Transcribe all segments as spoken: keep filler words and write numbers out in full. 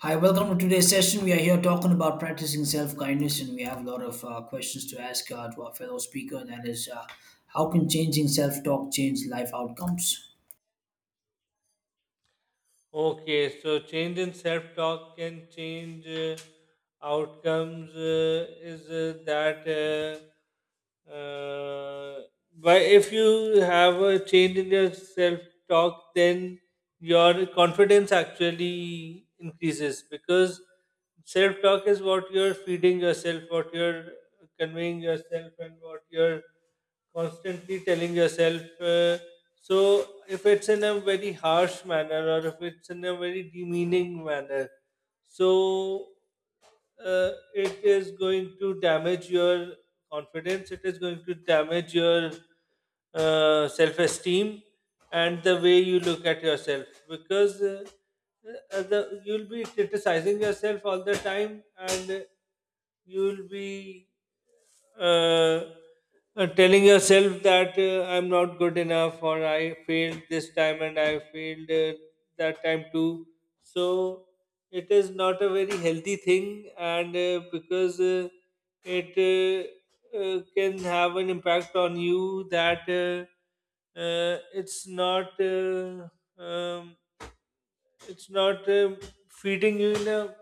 Hi, welcome to today's session. We are here talking about practicing self kindness, and we have a lot of uh, questions to ask uh, to our fellow speaker. And That is, uh, how can changing self talk change life outcomes? Okay, so change in self talk can change uh, outcomes. Uh, is uh, that uh, uh, but if you have a change in your self talk, then your confidence actually increases because self talk is what you're feeding yourself, what you're conveying yourself, and what you're constantly telling yourself uh, So if it's in a very harsh manner or if it's in a very demeaning manner, so uh, it is going to damage your confidence, it is going to damage your uh, self-esteem and the way you look at yourself, because uh, uh, the, you'll be criticizing yourself all the time, and you'll be uh, uh, telling yourself that uh, I'm not good enough, or I failed this time and I failed uh, that time too. So it is not a very healthy thing, and uh, because uh, it uh, uh, can have an impact on you. That uh, uh, it's not uh, um, it's not um feeding you in a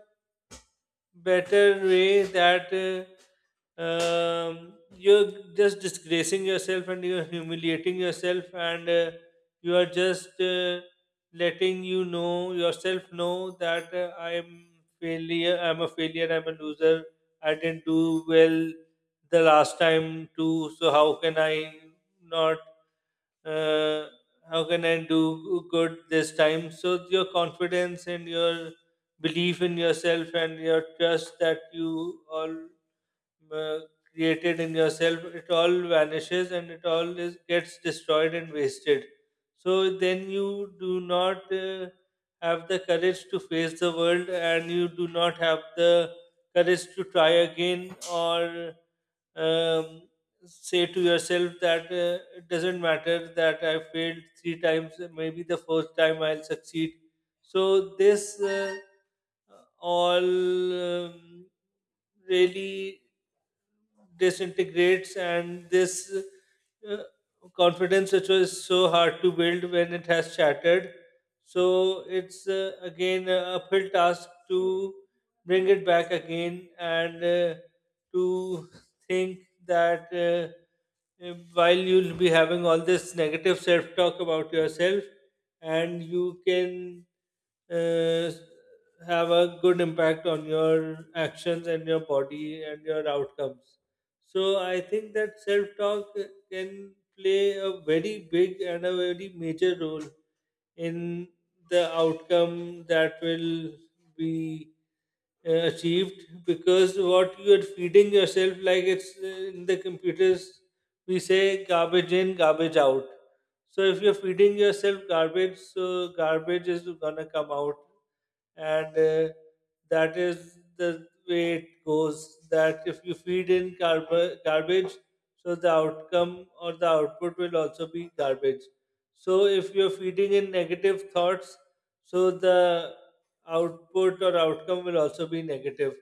better way. That uh, um, You're just disgracing yourself and you're humiliating yourself, and uh, you are just uh, letting you know yourself know that uh, I'm failure. I'm a failure. I'm a loser. I didn't do well the last time too. So how can I not uh, how can I do good this time? So your confidence and your belief in yourself and your trust that you all uh, created in yourself, it all vanishes and it all is gets destroyed and wasted. So then you do not uh, have the courage to face the world, and you do not have the courage to try again, or um, say to yourself that uh, it doesn't matter that I failed three times, maybe the fourth time I'll succeed. So, this uh, all um, really disintegrates, and this uh, confidence which was so hard to build, when it has shattered, so it's uh, again a uphill task to bring it back again, and uh, to think that uh, uh, while you'll be having all this negative self talk about yourself, and you can uh, have a good impact on your actions and your body and your outcomes. So I think that self talk can play a very big and a very major role in the outcome that will be uh, achieved, because what you are feeding yourself, like it's uh, in the computers we say garbage in garbage out. So if you're feeding yourself garbage, so garbage is gonna come out, and uh, that is the way it goes, that if you feed in garb- garbage, so the outcome or the output will also be garbage. So if you're feeding in negative thoughts, so the output or outcome will also be negative.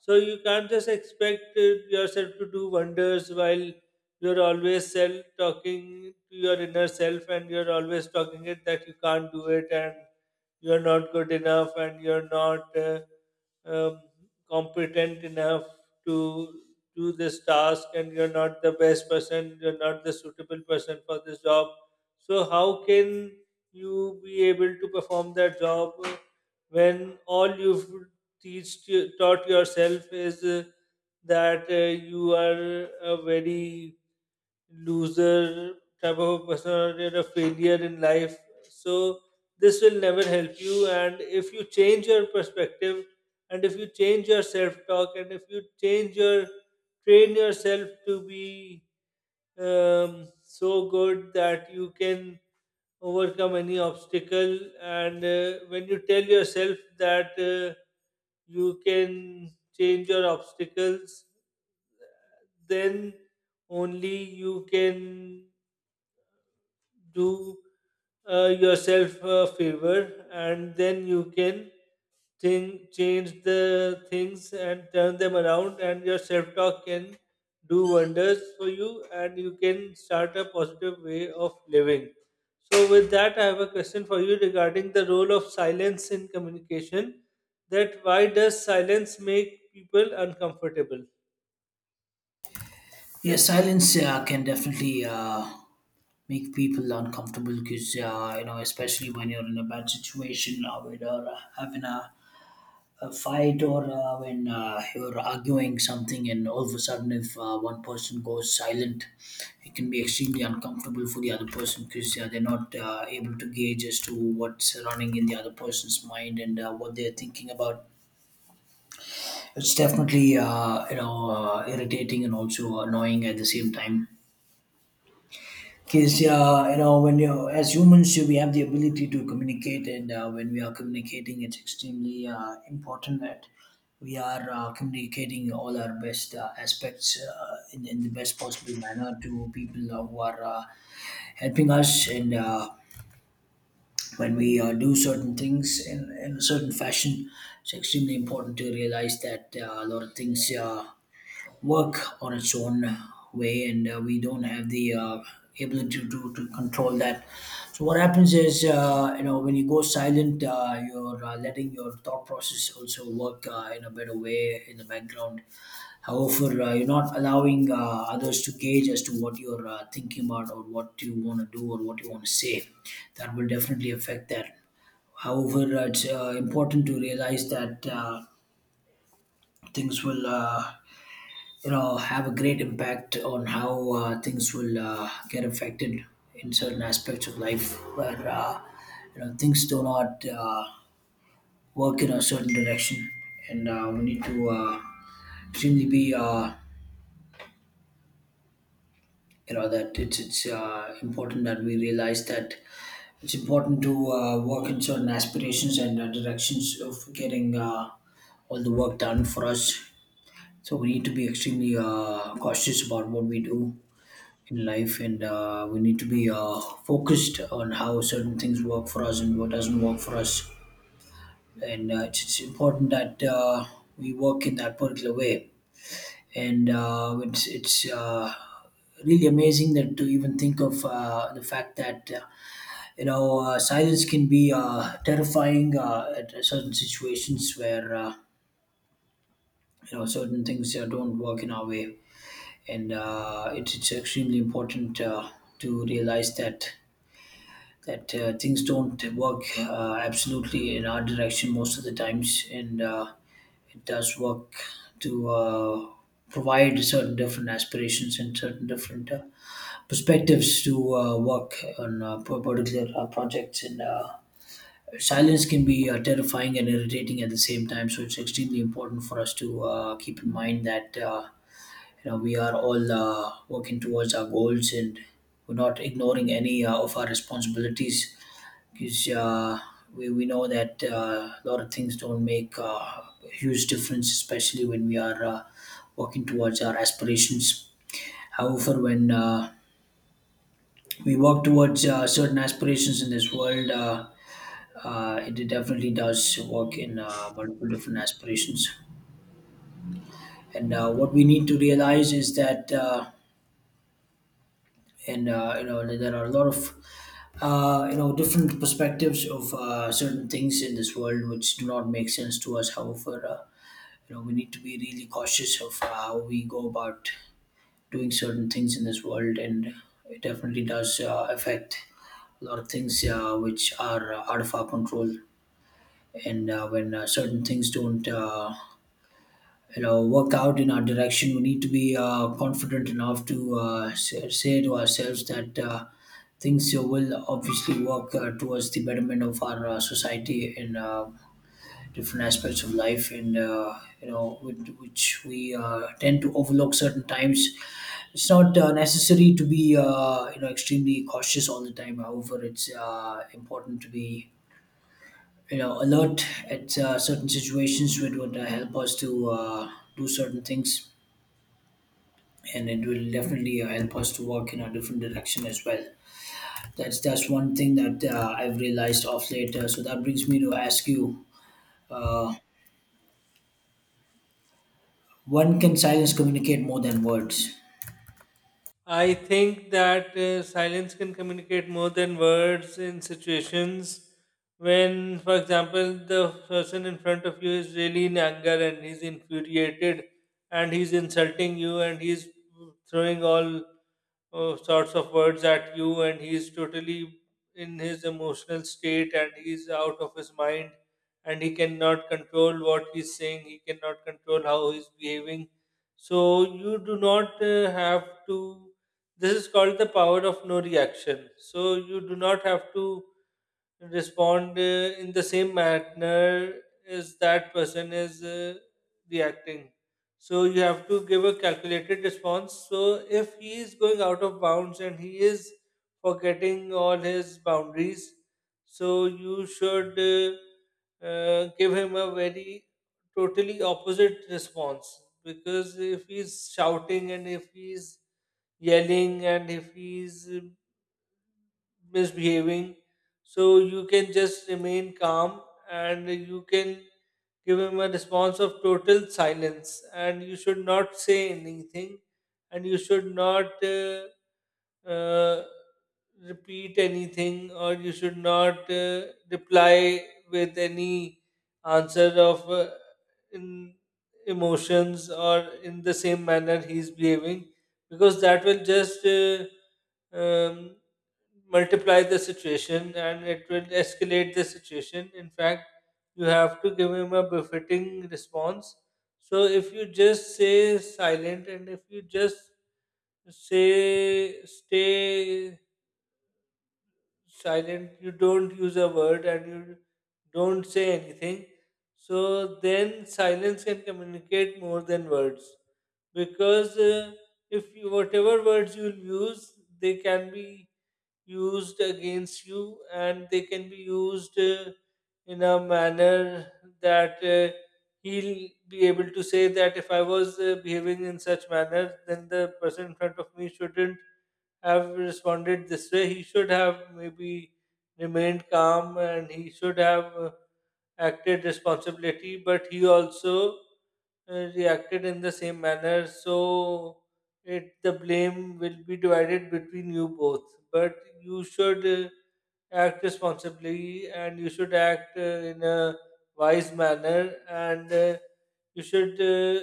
So you can't just expect uh, yourself to do wonders while you're always self talking to your inner self, and you're always talking it that you can't do it, and you're not good enough, and you're not uh, um, competent enough to do this task, and you're not the best person, you're not the suitable person for this job. So how can you be able to perform that job when all you've teach, taught yourself is uh, that uh, you are a very loser type of a personality or a failure in life. So this will never help you. And if you change your perspective, and if you change your self talk, and if you change your train yourself to be um, so good that you can overcome any obstacle, and uh, when you tell yourself that uh, you can change your obstacles, then only you can do uh, yourself a favor, and then you can think, change the things and turn them around, and your self-talk can do wonders for you, and you can start a positive way of living. So with that, I have a question for you regarding the role of silence in communication. That why does silence make people uncomfortable? Yeah, silence uh, can definitely uh, make people uncomfortable because, uh, you know, especially when you're in a bad situation or when you're uh, having a a fight or uh, when uh, you're arguing something, and all of a sudden if uh, one person goes silent, it can be extremely uncomfortable for the other person because uh, they're not uh, able to gauge as to what's running in the other person's mind and uh, what they're thinking about. It's definitely uh, you know uh, irritating and also annoying at the same time. Because uh, you know, when you as humans, uh, we have the ability to communicate, and uh, when we are communicating, it's extremely uh, important that we are uh, communicating all our best uh, aspects uh, in, in the best possible manner to people who are uh, helping us. And uh, when we uh, do certain things in, in a certain fashion, it's extremely important to realize that uh, a lot of things. Uh, work on its own way, and uh, we don't have the uh, ability to, to control that. So what happens is uh, you know, when you go silent uh, you're uh, letting your thought process also work uh, in a better way in the background. However, uh, you're not allowing uh, others to gauge as to what you're uh, thinking about or what you want to do or what you want to say. That will definitely affect that. However, uh, it's uh, important to realize that uh, things will uh, you know have a great impact on how uh, things will uh, get affected in certain aspects of life where uh, you know things do not uh, work in a certain direction, and uh, we need to uh, extremely be uh, you know that it's it's uh, important that we realize that it's important to uh, work in certain aspirations and uh, directions of getting uh, all the work done for us. So we need to be extremely uh, cautious about what we do in life, and uh, we need to be uh, focused on how certain things work for us and what doesn't work for us. And uh, it's, it's important that uh, we work in that particular way. And uh, it's, it's uh, really amazing that to even think of uh, the fact that uh, you know uh, silence can be uh, terrifying uh, at certain situations where uh, you know certain things uh, don't work in our way. And uh, it's, it's extremely important uh, to realize that that uh, things don't work uh, absolutely in our direction most of the times, and uh, it does work to uh, provide certain different aspirations and certain different uh, perspectives to uh, work on uh, p- particular uh, projects. And uh, silence can be uh, terrifying and irritating at the same time. So it's extremely important for us to uh, keep in mind that uh, you know we are all uh, working towards our goals, and we're not ignoring any uh, of our responsibilities. Because uh, we, we know that uh, a lot of things don't make uh, a huge difference, especially when we are uh, working towards our aspirations. However, when uh, we work towards uh, certain aspirations in this world, uh, uh, it definitely does work in uh, multiple different aspirations. And uh, what we need to realize is that, uh, and uh, you know, there are a lot of uh, you know different perspectives of uh, certain things in this world which do not make sense to us. However, uh, you know, we need to be really cautious of how we go about doing certain things in this world. And it definitely does uh, affect a lot of things uh, which are uh, out of our control. And uh, when uh, certain things don't uh, you know work out in our direction, we need to be uh, confident enough to uh, say say to ourselves that uh, things uh, will obviously work uh, towards the betterment of our uh, society and uh, different aspects of life, and uh, you know with, which we uh, tend to overlook certain times. It's not uh, necessary to be uh, you know extremely cautious all the time, however it's uh, important to be you know alert at uh, certain situations which would uh, help us to uh, do certain things, and it will definitely uh, help us to work in a different direction as well. That's that's one thing that uh, I've realized of late. Uh, so that brings me to ask you uh, when can silence communicate more than words? I think that uh, silence can communicate more than words in situations when, for example, the person in front of you is really in anger and he's infuriated, and he's insulting you, and he's throwing all uh, sorts of words at you, and he's totally in his emotional state and he's out of his mind, and he cannot control what he's saying, he cannot control how he's behaving. So you do not uh, have to this is called the power of no reaction. So you do not have to respond uh, in the same manner as that person is uh, reacting. So you have to give a calculated response. So if he is going out of bounds and he is forgetting all his boundaries, so you should uh, uh, give him a very totally opposite response, because if he's shouting and if he's yelling and if he's misbehaving, so you can just remain calm and you can give him a response of total silence. And you should not say anything, and you should not uh, uh, repeat anything, or you should not uh, reply with any answer of uh, in emotions or in the same manner he's behaving, because that will just uh, um, multiply the situation and it will escalate the situation. In fact, you have to give him a befitting response. So if you just say silent, and if you just say stay silent, you don't use a word and you don't say anything, so then silence can communicate more than words. Because uh, if you, whatever words you use, they can be used against you, and they can be used uh, in a manner that uh, he'll be able to say that if I was uh, behaving in such manner, then the person in front of me shouldn't have responded this way, he should have maybe remained calm, and he should have uh, acted responsibility, but he also uh, reacted in the same manner. So it the blame will be divided between you both, but you should uh, act responsibly, and you should act uh, in a wise manner, and uh, you should uh,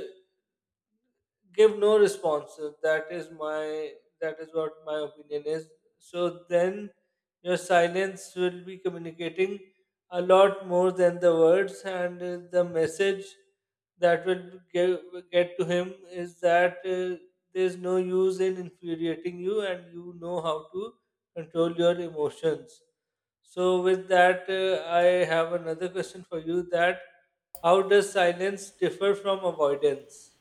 give no responses. That is my that is what my opinion is. So then your silence will be communicating a lot more than the words, and uh, the message that will give, get to him is that uh, there's no use in infuriating you, and you know how to control your emotions. So with that, uh, I have another question for you. That how does silence differ from avoidance?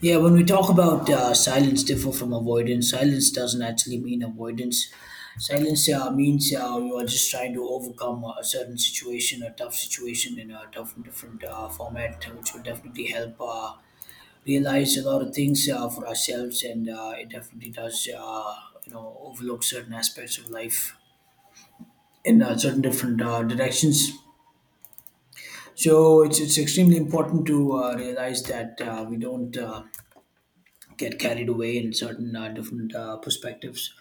Yeah, when we talk about uh, silence differ from avoidance, silence doesn't actually mean avoidance. Silence uh, means uh, you are just trying to overcome a certain situation, a tough situation in a tough, different uh, format, which will definitely help uh, realize a lot of things uh, for ourselves, and uh, it definitely does, uh, you know, overlook certain aspects of life in uh, certain different uh, directions. So it's it's extremely important to uh, realize that uh, we don't. Uh, get carried away in certain uh, different uh, perspectives.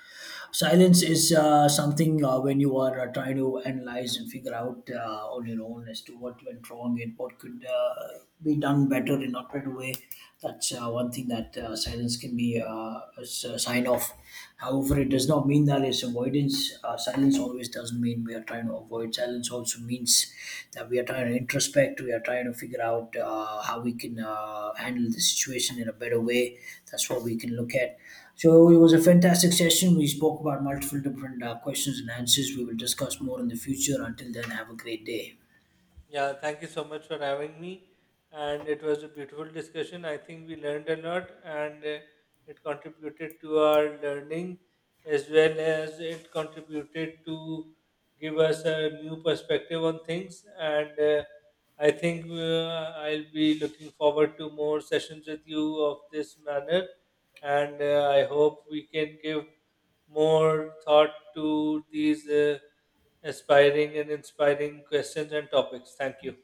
Silence is uh, something uh, when you are uh, trying to analyze and figure out uh, on your own as to what went wrong and what could uh, be done better in a better way. That's uh, one thing that uh, silence can be uh, a s- a sign of. However, it does not mean that it's avoidance. Uh, silence always doesn't mean we are trying to avoid. Silence also means that we are trying to introspect. We are trying to figure out uh, how we can uh, handle the situation in a better way. That's what we can look at. So it was a fantastic session. We spoke about multiple different uh, questions and answers. We will discuss more in the future. Until then, have a great day. Yeah, thank you so much for having me. And it was a beautiful discussion. I think we learned a lot, and uh, it contributed to our learning, as well as it contributed to give us a new perspective on things. And uh, I think uh, I'll be looking forward to more sessions with you of this manner. And uh, I hope we can give more thought to these uh, aspiring and inspiring questions and topics. Thank you.